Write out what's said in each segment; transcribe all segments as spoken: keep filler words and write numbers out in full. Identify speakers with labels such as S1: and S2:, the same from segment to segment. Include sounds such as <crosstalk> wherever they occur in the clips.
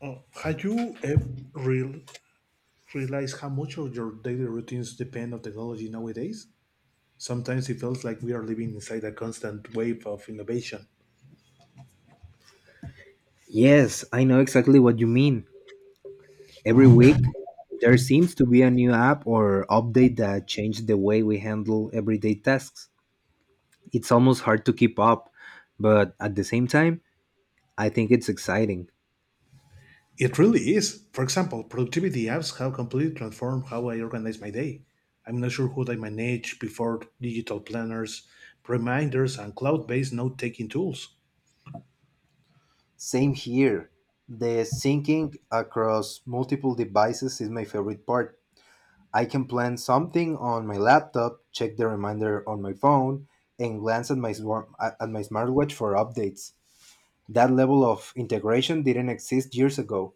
S1: Uh, have you ever real, realized how much of your daily routines depend on technology nowadays? Sometimes it feels like we are living inside a constant wave of innovation.
S2: Yes, I know exactly what you mean. Every week, there seems to be a new app or update that changes the way we handle everyday tasks. It's almost hard to keep up, but at the same time, I think it's exciting.
S1: It really is. For example, productivity apps have completely transformed how I organize my day. I'm not sure what I manage before digital planners, reminders, and cloud based note taking tools.
S2: Same here. The syncing across multiple devices is my favorite part. I can plan something on my laptop, check the reminder on my phone, and glance at my smar- at my smartwatch for updates. That level of integration didn't exist years ago.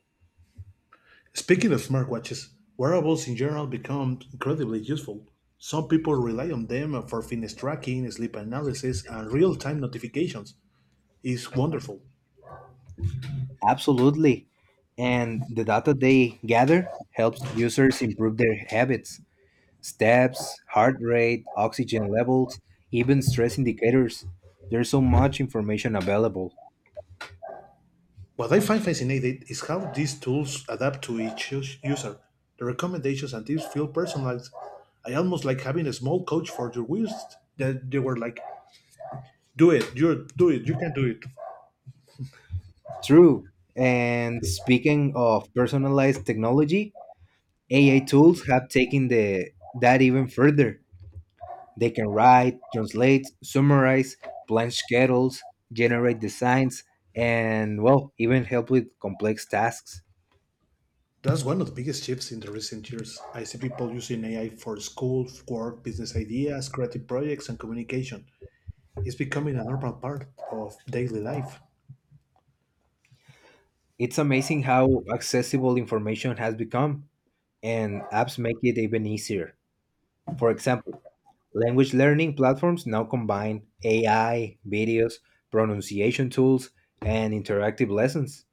S1: Speaking of smartwatches, wearables in general become incredibly useful. Some people rely on them for fitness tracking, sleep analysis, and real time notifications. It's wonderful.
S2: Absolutely. And the data they gather helps users improve their habits, steps, heart rate, oxygen levels, even stress indicators. There's so much information available.
S1: What I find fascinating is how these tools adapt to each us- user. The recommendations and tips feel personalized. I almost like having a small coach for your wrist that they were like, do it, you're, do it, you can do it.
S2: True. And speaking of personalized technology, A I tools have taken the that even further. They can write, translate, summarize, plan schedules, generate designs, and well, even help with complex tasks.
S1: That's one of the biggest shifts in the recent years. I see people using A I for school, work, business ideas, creative projects, and communication. It's becoming a normal part of daily life.
S2: It's amazing how accessible information has become, and apps make it even easier. For example, language learning platforms now combine A I, videos, pronunciation tools, and interactive lessons.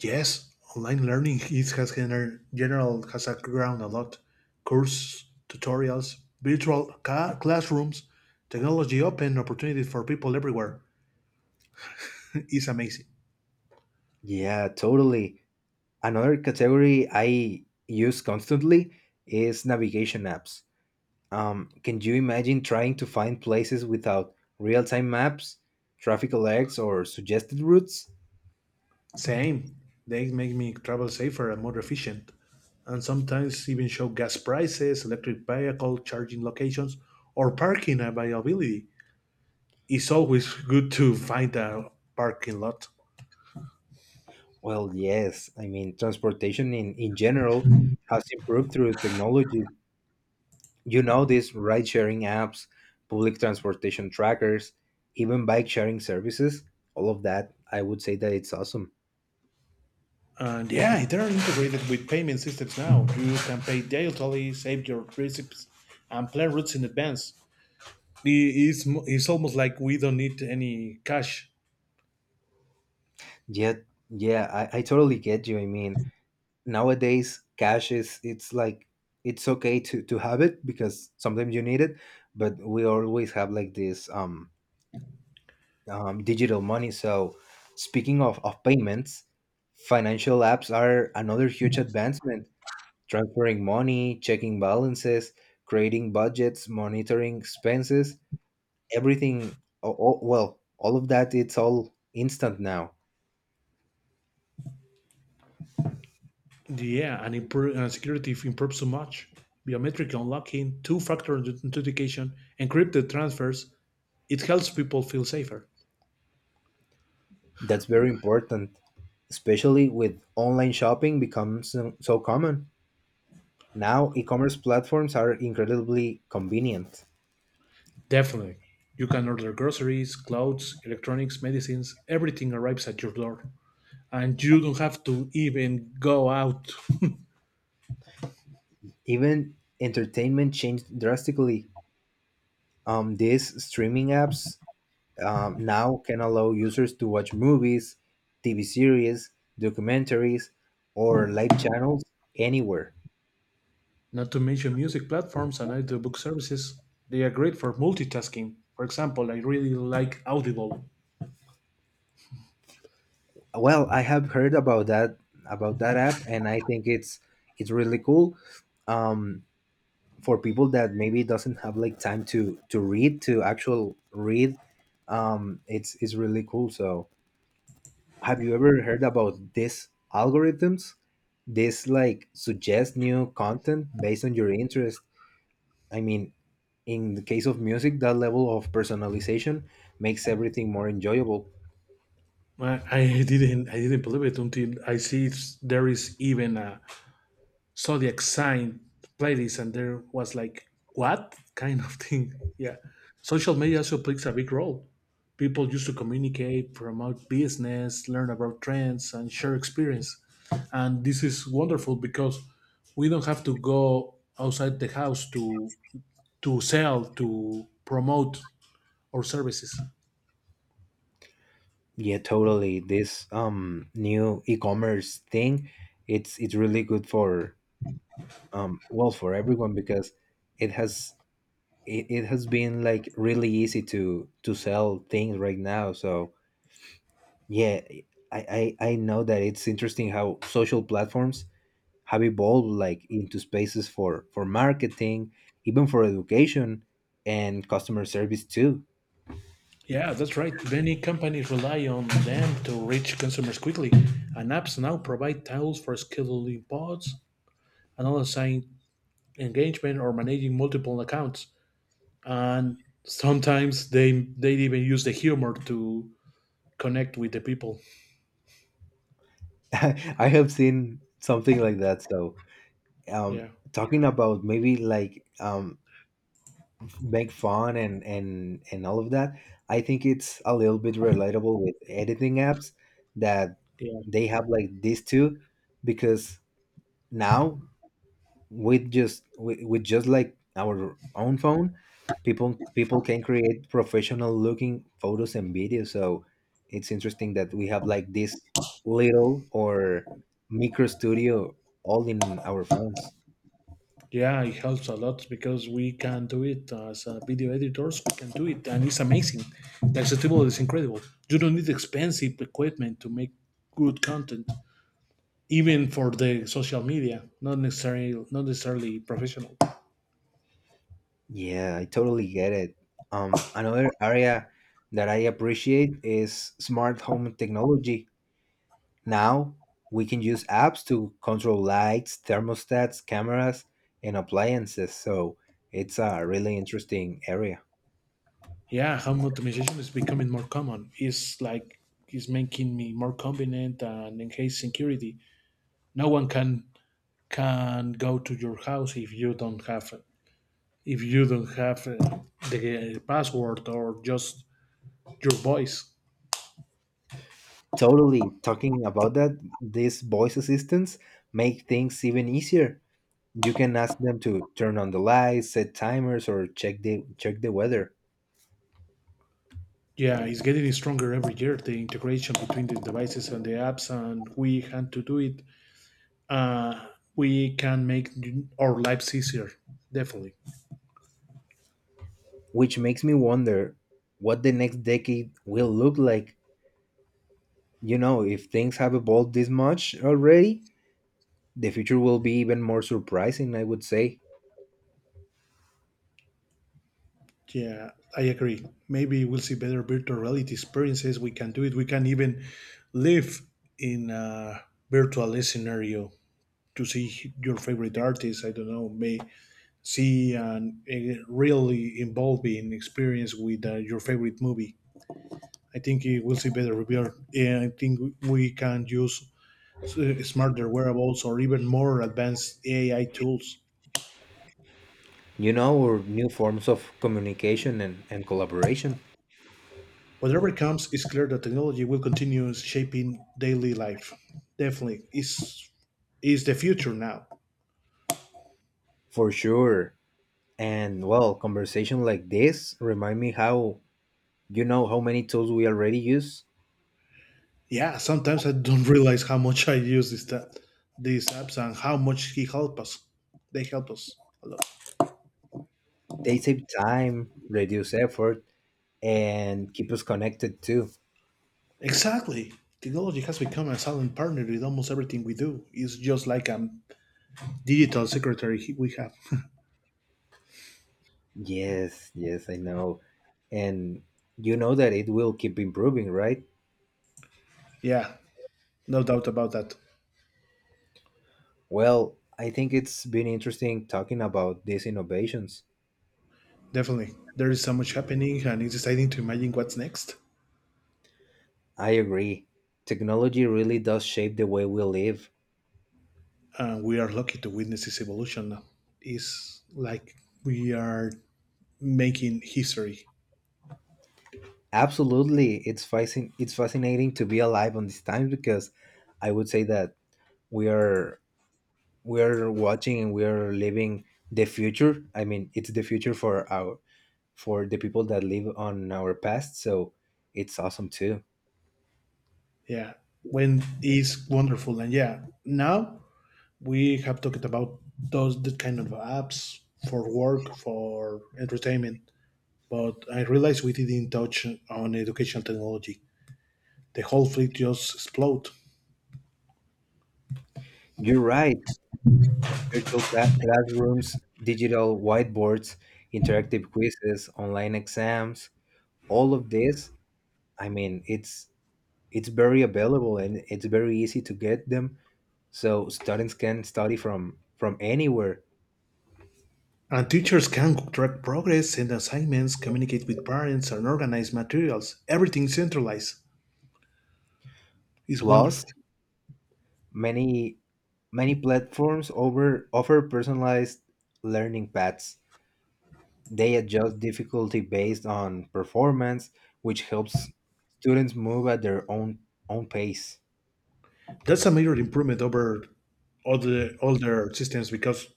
S1: Yes, online learning is has gener- general has grown a lot. Course, tutorials, virtual ca- classrooms, technology open opportunities for people everywhere. <laughs> is amazing.
S2: Yeah, totally. Another category I use constantly is navigation apps. Um, can you imagine trying to find places without real time maps, traffic alerts, or suggested routes?
S1: Same. They make me travel safer and more efficient, and sometimes even show gas prices, electric vehicle charging locations, or parking availability. It's always good to find a parking lot.
S2: Well, yes. I mean, transportation in, in general has improved through technology. You know, these ride sharing apps, public transportation trackers, even bike sharing services, all of that, I would say that it's awesome.
S1: And yeah, they're integrated with payment systems now. You can pay digitally, save your receipts, and plan routes in advance. I- It's, mo- it's almost like we don't need any cash.
S2: Yet, yeah, I, I totally get you. I mean, nowadays, cash is, it's like, it's okay to, to have it because sometimes you need it, but we always have like this um um, digital money. So, speaking of, of payments, financial apps are another huge advancement. Transferring money, checking balances, creating budgets, monitoring expenses, everything. Oh, oh, well, all of that, it's all instant now.
S1: Yeah, and, improve, and security if improved so much. Biometric unlocking, two-factor authentication, encrypted transfers, it helps people feel safer.
S2: That's very important, especially with online shopping becomes so so common. Now, e commerce platforms are incredibly convenient.
S1: Definitely. You can order groceries, clothes, electronics, medicines, everything arrives at your door. And you don't have to even go out.
S2: Even entertainment changed drastically. Um, these streaming apps um, now can allow users to watch movies, T V series, documentaries, or live channels anywhere.
S1: Not to mention music platforms and audiobook services. They are great for multitasking. For example, I really like Audible.
S2: Well, I have heard about that about that app, and I think it's it's really cool um, for people that maybe doesn't have like time to to read to actual read. Um, it's it's really cool. So have you ever heard about these algorithms? These like suggest new content based on your interest. I mean, in the case of music, that level of personalization makes everything more enjoyable.
S1: I I didn't I didn't believe it until I see it's, there is even a zodiac sign playlist, and there was like, what <laughs> kind of thing? <laughs> Yeah. Social media also plays a big role. People used to communicate, promote business, learn about trends, and share experience. And this is wonderful because we don't have to go outside the house to to sell, to promote our services.
S2: Yeah, totally. This um new e-commerce thing, it's it's really good for um well for everyone because it has it, it has been like really easy to to sell things right now. So yeah, I, I, I know that it's interesting how social platforms have evolved like into spaces for, for marketing, even for education and customer service too.
S1: Yeah, that's right. Many companies rely on them to reach consumers quickly, and apps now provide tools for scheduling pods, another saying engagement or managing multiple accounts. And sometimes they they even use the humor to connect with the people.
S2: <laughs> I have seen something like that. So um,
S1: Yeah.
S2: talking about maybe like um, make fun and, and, and all of that, I think it's a little bit relatable with editing apps that
S1: Yeah,
S2: they have like these two because now with just with, with just like our own phone people people can create professional looking photos and videos, so it's interesting that we have like this little or micro studio all in our phones.
S1: yeah, it helps a lot because we can do it as uh, video editors. We can do it, and it's amazing. The accessibility is incredible. You don't need expensive equipment to make good content, even for the social media. Not necessarily, not necessarily professional.
S2: Yeah, I totally get it. Um another area that I appreciate is smart home technology. Now we can use apps to control lights, thermostats, cameras, and appliances. So it's a really interesting area.
S1: Yeah, home automation is becoming more common. It's like it's making me more convenient and enhance security. No one can can go to your house if you don't have if you don't have uh, the password or just your voice.
S2: Totally. Talking about that, these voice assistants make things even easier. You can ask them to turn on the lights, set timers, or check the check the weather,
S1: Yeah, it's getting stronger every year, the integration between the devices and the apps, and we had to do it. uh, we can make our lives easier, definitely.
S2: which makes me wonder what the next decade will look like. You know, if things have evolved this much already, the future will be even more surprising, I would say.
S1: Yeah, I agree. Maybe we'll see better virtual reality experiences. We can do it. We can even live in a virtual scenario to see your favorite artist. I don't know, may see an, a really involving experience with uh, your favorite movie. I think it will see better review. Yeah, I think we can use uh, smarter wearables or even more advanced A I tools.
S2: You know, or new forms of communication and, and collaboration
S1: Whatever comes, it's clear that technology will continue shaping daily life. Definitely, it's is the future now.
S2: for sure. And well, conversation like this remind me how you know how many tools we already use.
S1: Yeah, sometimes I don't <laughs> realize how much I use this that these apps and how much he help us. They help us a lot.
S2: They save time, reduce effort, and keep us connected too.
S1: Exactly. Technology has become a silent partner in almost everything we do. It's just like a digital secretary he- we have. <laughs>
S2: Yes, yes, I know. And you know that it will keep improving, right?
S1: Yeah, no doubt about that.
S2: Well, I think it's been interesting talking about these innovations.
S1: Definitely. There is so much happening and it's exciting to imagine what's next.
S2: I agree. Technology really does shape the way we live.
S1: And we are lucky to witness this evolution. It's like we are making history.
S2: Absolutely, it's fascin- it's fascinating to be alive on these times because I would say that we are we are watching and we are living the future. I mean, it's the future for our for the people that live on our past, so it's awesome too.
S1: Yeah, when it's wonderful, and yeah, now we have talked about those the kind of apps for work, for entertainment, but I realized we didn't touch on education technology. The whole fleet just explode.
S2: You're right. Virtual cla- classrooms, digital whiteboards, interactive quizzes, online exams, all of this. I mean, it's it's very available and it's very easy to get them, so students can study from from anywhere
S1: And teachers can track progress, send assignments, communicate with parents, and organize materials. Everything centralized. It's
S2: plus
S1: wonderful.
S2: many many platforms over offer personalized learning paths. They adjust difficulty based on performance, which helps students move at their own own pace.
S1: That's a major improvement over all the older systems because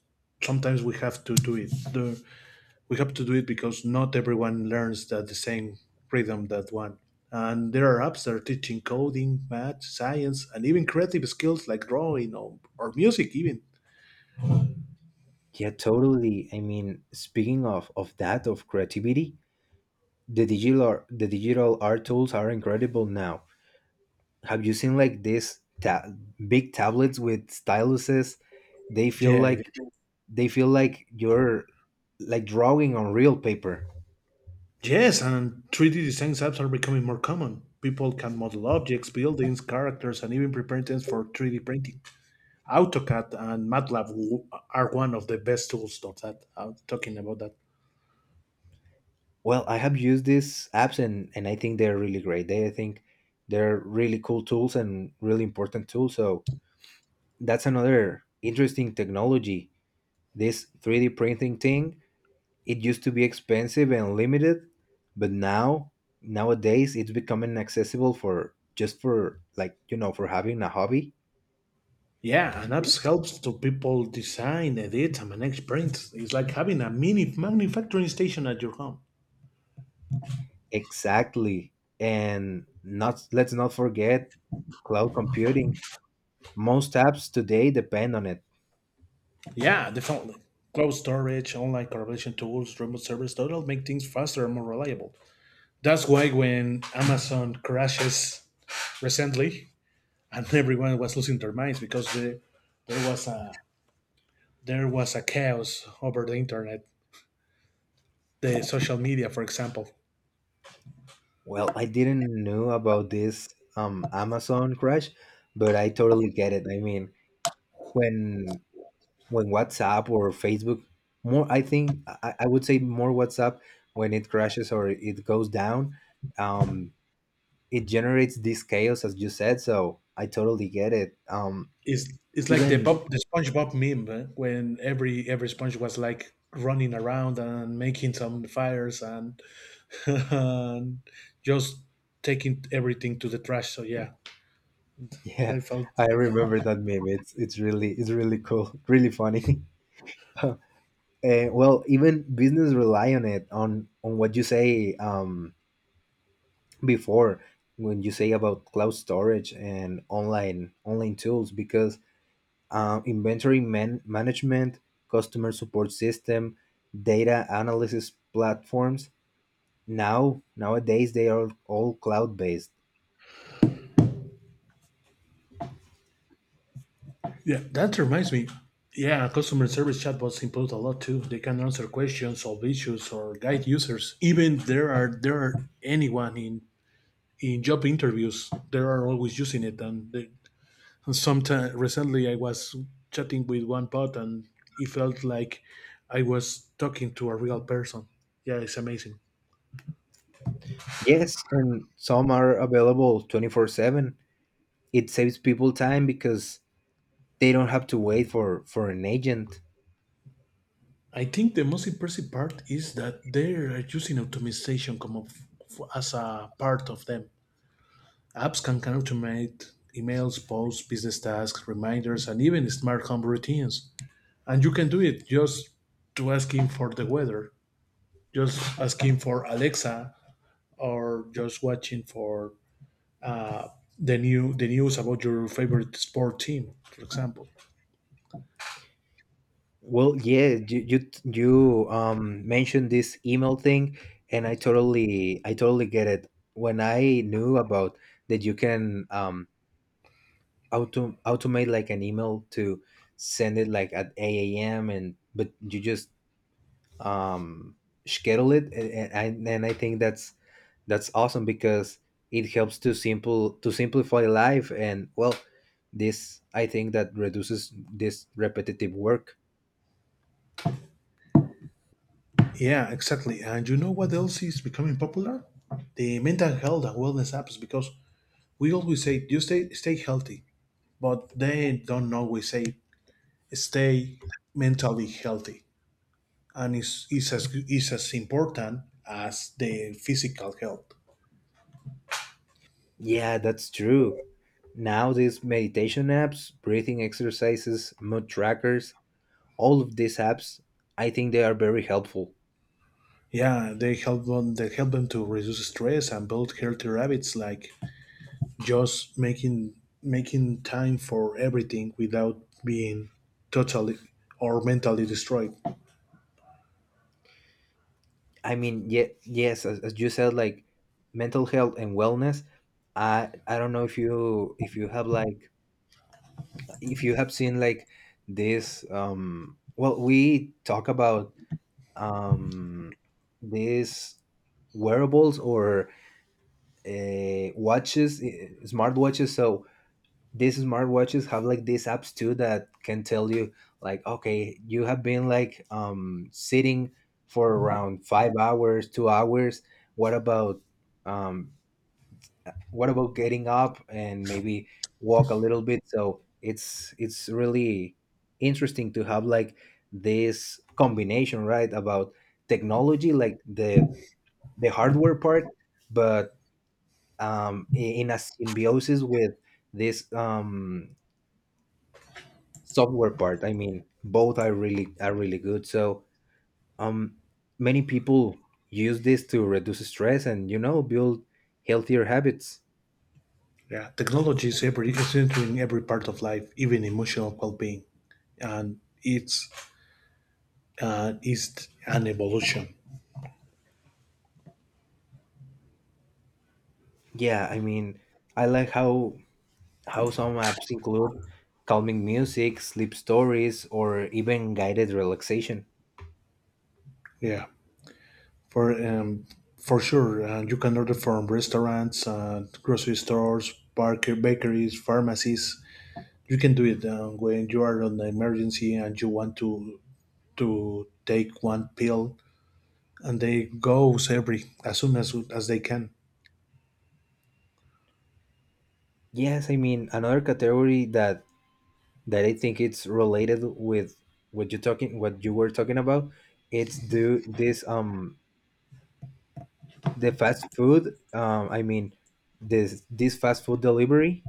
S1: sometimes we have to do it. The- We have to do it because not everyone learns at the same rhythm that one. And there are apps that are teaching coding, math, science, and even creative skills like drawing or, or music, even.
S2: Yeah, totally. I mean, speaking of of that of creativity, the digital the digital art tools are incredible now. Have you seen like these ta- big tablets with styluses? they feel
S1: Yeah, I did.
S2: like they feel like you're like drawing on real paper.
S1: Yes, and three D design apps are becoming more common. People can model objects, buildings, characters, and even prepare things for three D printing. AutoCAD and MATLAB are one of the best tools of that. I'm talking about that.
S2: Well, I have used these apps, and and I think they're really great. They I think they're really cool tools and really important tools. So that's another interesting technology. This three D printing thing, it used to be expensive and limited, but now nowadays it's becoming accessible for just for like, you know, for having a hobby.
S1: Yeah, and apps helps to people design, edit, and manage prints. It's like having a mini manufacturing station at your home.
S2: Exactly. And not let's not forget cloud computing. Most apps today depend on it.
S1: Yeah, definitely. Cloud storage, online collaboration tools, remote servers total make things faster and more reliable. That's why when Amazon crashes recently, and <laughs> everyone was losing their minds because the, there was a there was a chaos over the internet, the social media, for example.
S2: Well, I didn't know about this um, Amazon crash, but I totally get it. I mean, when when WhatsApp or Facebook, more I think I, I would say more WhatsApp when it crashes or it goes down, um, it generates this chaos as you said. So I totally get it. Um,
S1: It's it's like the
S2: even
S1: Bob the SpongeBob meme eh, when every every sponge was like running around and making some fires and, <laughs> and just taking everything to the trash. So yeah,
S2: <laughs> yeah,
S1: that felt
S2: I remember that meme. It's it's really it's really cool, really funny. <laughs> Uh, well, even business rely on it on on what you say um, before when you say about cloud storage and online online tools because um, inventory man- management, customer support system, data analysis platforms now nowadays they are all cloud based.
S1: yeah. That reminds me. Yeah, customer service chatbots improve a lot too. They can answer questions, solve issues, or guide users. Even there are there are anyone in in job interviews, they are always using it, and they, sometimes recently, I was chatting with one bot, and it felt like I was talking to a real person. Yeah, it's amazing.
S2: Yes, and some are available twenty four seven. It saves people time because they don't have to wait for for an agent.
S1: I think the most impressive part is that they are using automation come of, as a part of them. Apps can, can automate emails, posts, business tasks, reminders, and even smart home routines. And you can do it just to asking for the weather, just asking for Alexa, or just watching for uh, the new the news about your favorite sport team, for example.
S2: Well, yeah, you you you um mentioned this email thing, and I totally I totally get it. When I knew about that, you can um auto automate like an email to send it like at eight a.m. and but you just um schedule it, and and I, and I think that's that's awesome because it helps to simple to simplify life, and well, this I think that reduces this repetitive work.
S1: Yeah, exactly. And you know what else is becoming popular? The mental health and wellness apps because we always say you stay stay healthy, but they don't always say stay mentally healthy. And it's, it's as it's as important as the physical health.
S2: Yeah, that's true. Now these meditation apps, breathing exercises, mood trackers, all of these apps, I think they are very helpful.
S1: Yeah, they help them they help them to reduce stress and build healthier habits like just making making time for everything without being totally or mentally destroyed.
S2: I mean, yeah, yes, as, as you said, like mental health and wellness. I I don't know if you if you have like if you have seen like this. Um, well, we talk about um, these wearables or uh, watches, eh, smartwatches. So these smartwatches have like these apps too that can tell you like okay you have been like um sitting for around five hours two hours. What about um what about getting up and maybe walk a little bit, so it's it's really interesting to have like this combination right about technology like the the hardware part but um i- in a symbiosis with this um software part. I mean both are really are really good, so um many people use this to reduce stress and you know build healthier habits.
S1: Yeah, technology is every is entering every part of life, even emotional well-being, and it's uh, is an evolution.
S2: Yeah, I mean, I like how how some apps include calming music sleep stories or even guided relaxation.
S1: Yeah, for um, for sure, uh, you can order from restaurants, uh, grocery stores, barker, bakeries, pharmacies. You can do it uh, when you are on an emergency and you want to to take one pill and they goes every as soon as as they can.
S2: Yes, I mean, another category that that I think it's related with what you talking what you were talking about, it's do this um the fast food um I mean this this fast food delivery.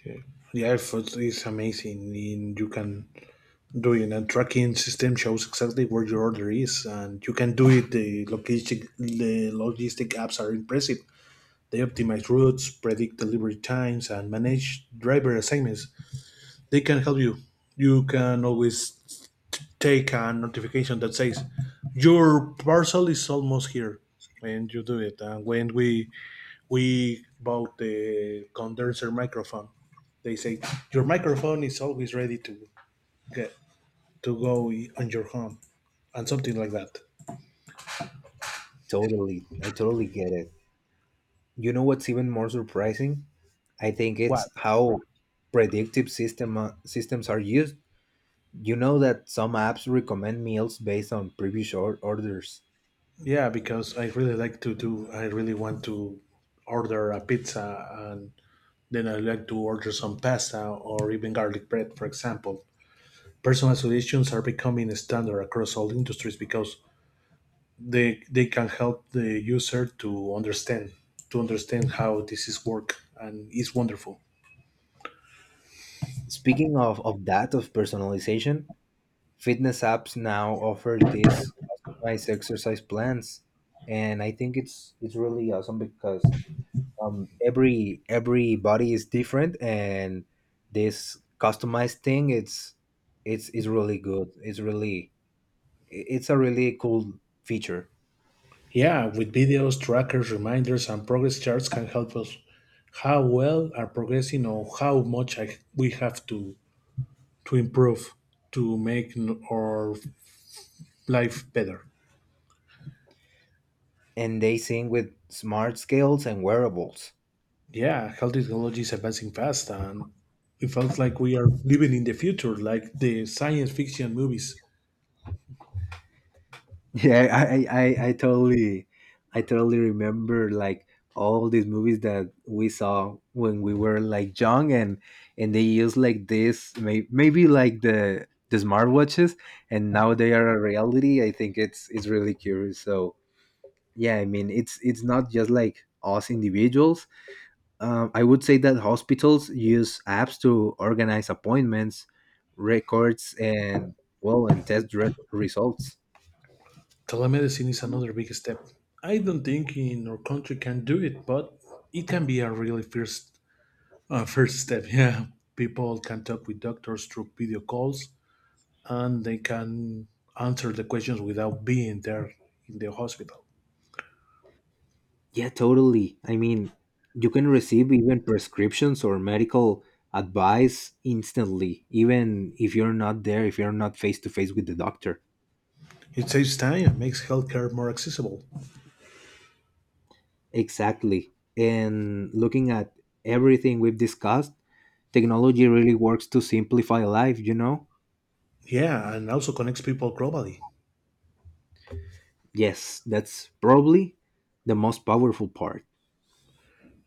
S1: Okay. The effort is amazing. In, you can do it, and tracking system shows exactly where your order is, and you can do it. The logistic the logistic apps are impressive. They optimize routes, predict delivery times, and manage driver assignments. They can help you. You can always take a notification that says your parcel is almost here, and you do it. And when we we bought the condenser microphone. They say your microphone is always ready to get to go on your home, and something like that.
S2: Totally, I totally get it. You know what's even more surprising, I think it's
S1: What?
S2: how predictive system uh, systems are used. You know that some apps recommend meals based on previous or- orders.
S1: Yeah, because I really like to do. I really want to order a pizza, and then I like to order some pasta or even garlic bread, for example. Personal solutions are becoming a standard across all industries because they they can help the user to understand to understand how this is work, and it's wonderful.
S2: Speaking of, of that of personalization, fitness apps now offer these customized exercise plans, and I think it's it's really awesome because um, every every body is different, and this customized thing it's it's it's really good, it's really i- it's a really cool feature.
S1: Yeah, with videos, trackers, reminders, and progress charts can help us how well are progressing or how much I, we have to to improve to make n- our life better.
S2: And they sing with smart scales and wearables.
S1: Yeah, health technology is advancing fast, and it felt like we are living in the future, like the science fiction movies.
S2: Yeah, I, I, I I totally, I totally remember like all these movies that we saw when we were like young, and and they use like this, may, maybe like the the smartwatches, and now they are a reality. I think it's it's really curious. So yeah, I mean, it's it's not just like us individuals. Um, I would say that hospitals use apps to organize appointments, records, and well, and test re- results.
S1: Telemedicine is another big step. I don't think in our country can do it, but it can be a really first uh, first step. <laughs> Yeah, people can talk with doctors through video calls and they can answer the questions without being there in the hospital.
S2: Yeah, totally. I mean, you can receive even prescriptions or medical advice instantly, even if you're not there, if you're not face to face with the doctor.
S1: It saves time and makes healthcare more accessible.
S2: Exactly. And looking at everything we've discussed, technology really works to simplify life, you know?
S1: Yeah, and also connects people globally.
S2: Yes, that's probably the most powerful part.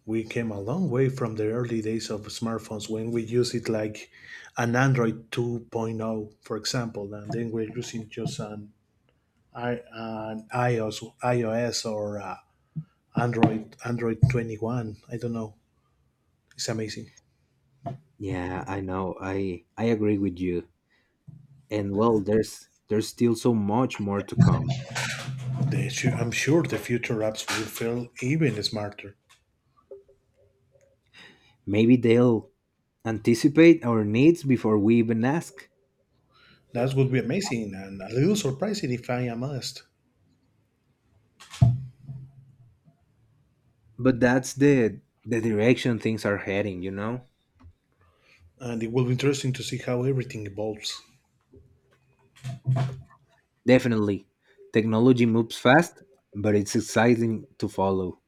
S1: We came a long way from the early days of smartphones when we use it like an Android 2.0, for example, and then we're using just an, I- an iOS, iOS or uh, Android Android twenty-one. I don't know. It's amazing.
S2: Yeah, I know. I I agree with you. And well, there's there's still so much more to come.
S1: They, su- I'm sure the future apps will feel even smarter.
S2: Maybe they'll anticipate our needs before we even ask.
S1: That would be amazing and a little surprising if I am honest.
S2: But that's the the direction things are heading, you know?
S1: And it will be interesting to see how everything evolves.
S2: Definitely. Technology moves fast, but it's exciting to follow.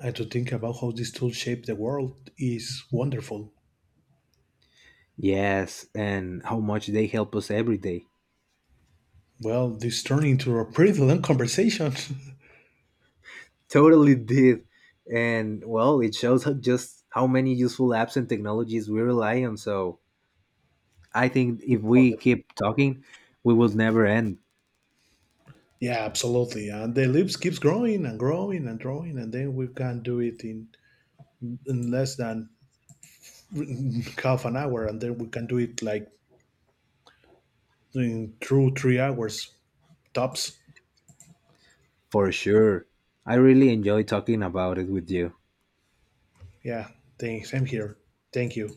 S1: And to think about how this tool shaped the world is wonderful.
S2: Yes, and how much they help us every day.
S1: Well, this turned into a pretty long conversation. <laughs>
S2: Totally did. And well, it shows how- just how many useful apps and technologies we rely on. So I think if
S1: It's
S2: we
S1: wonderful.
S2: keep talking, we will never end
S1: Yeah, absolutely. And the lips keeps growing and growing and growing, and then we can do it in, in less than <laughs> half an hour, and then we can do it like in through three hours tops.
S2: for sure. I really enjoy talking about it with you.
S1: Yeah, thanks. I'm here. Thank you.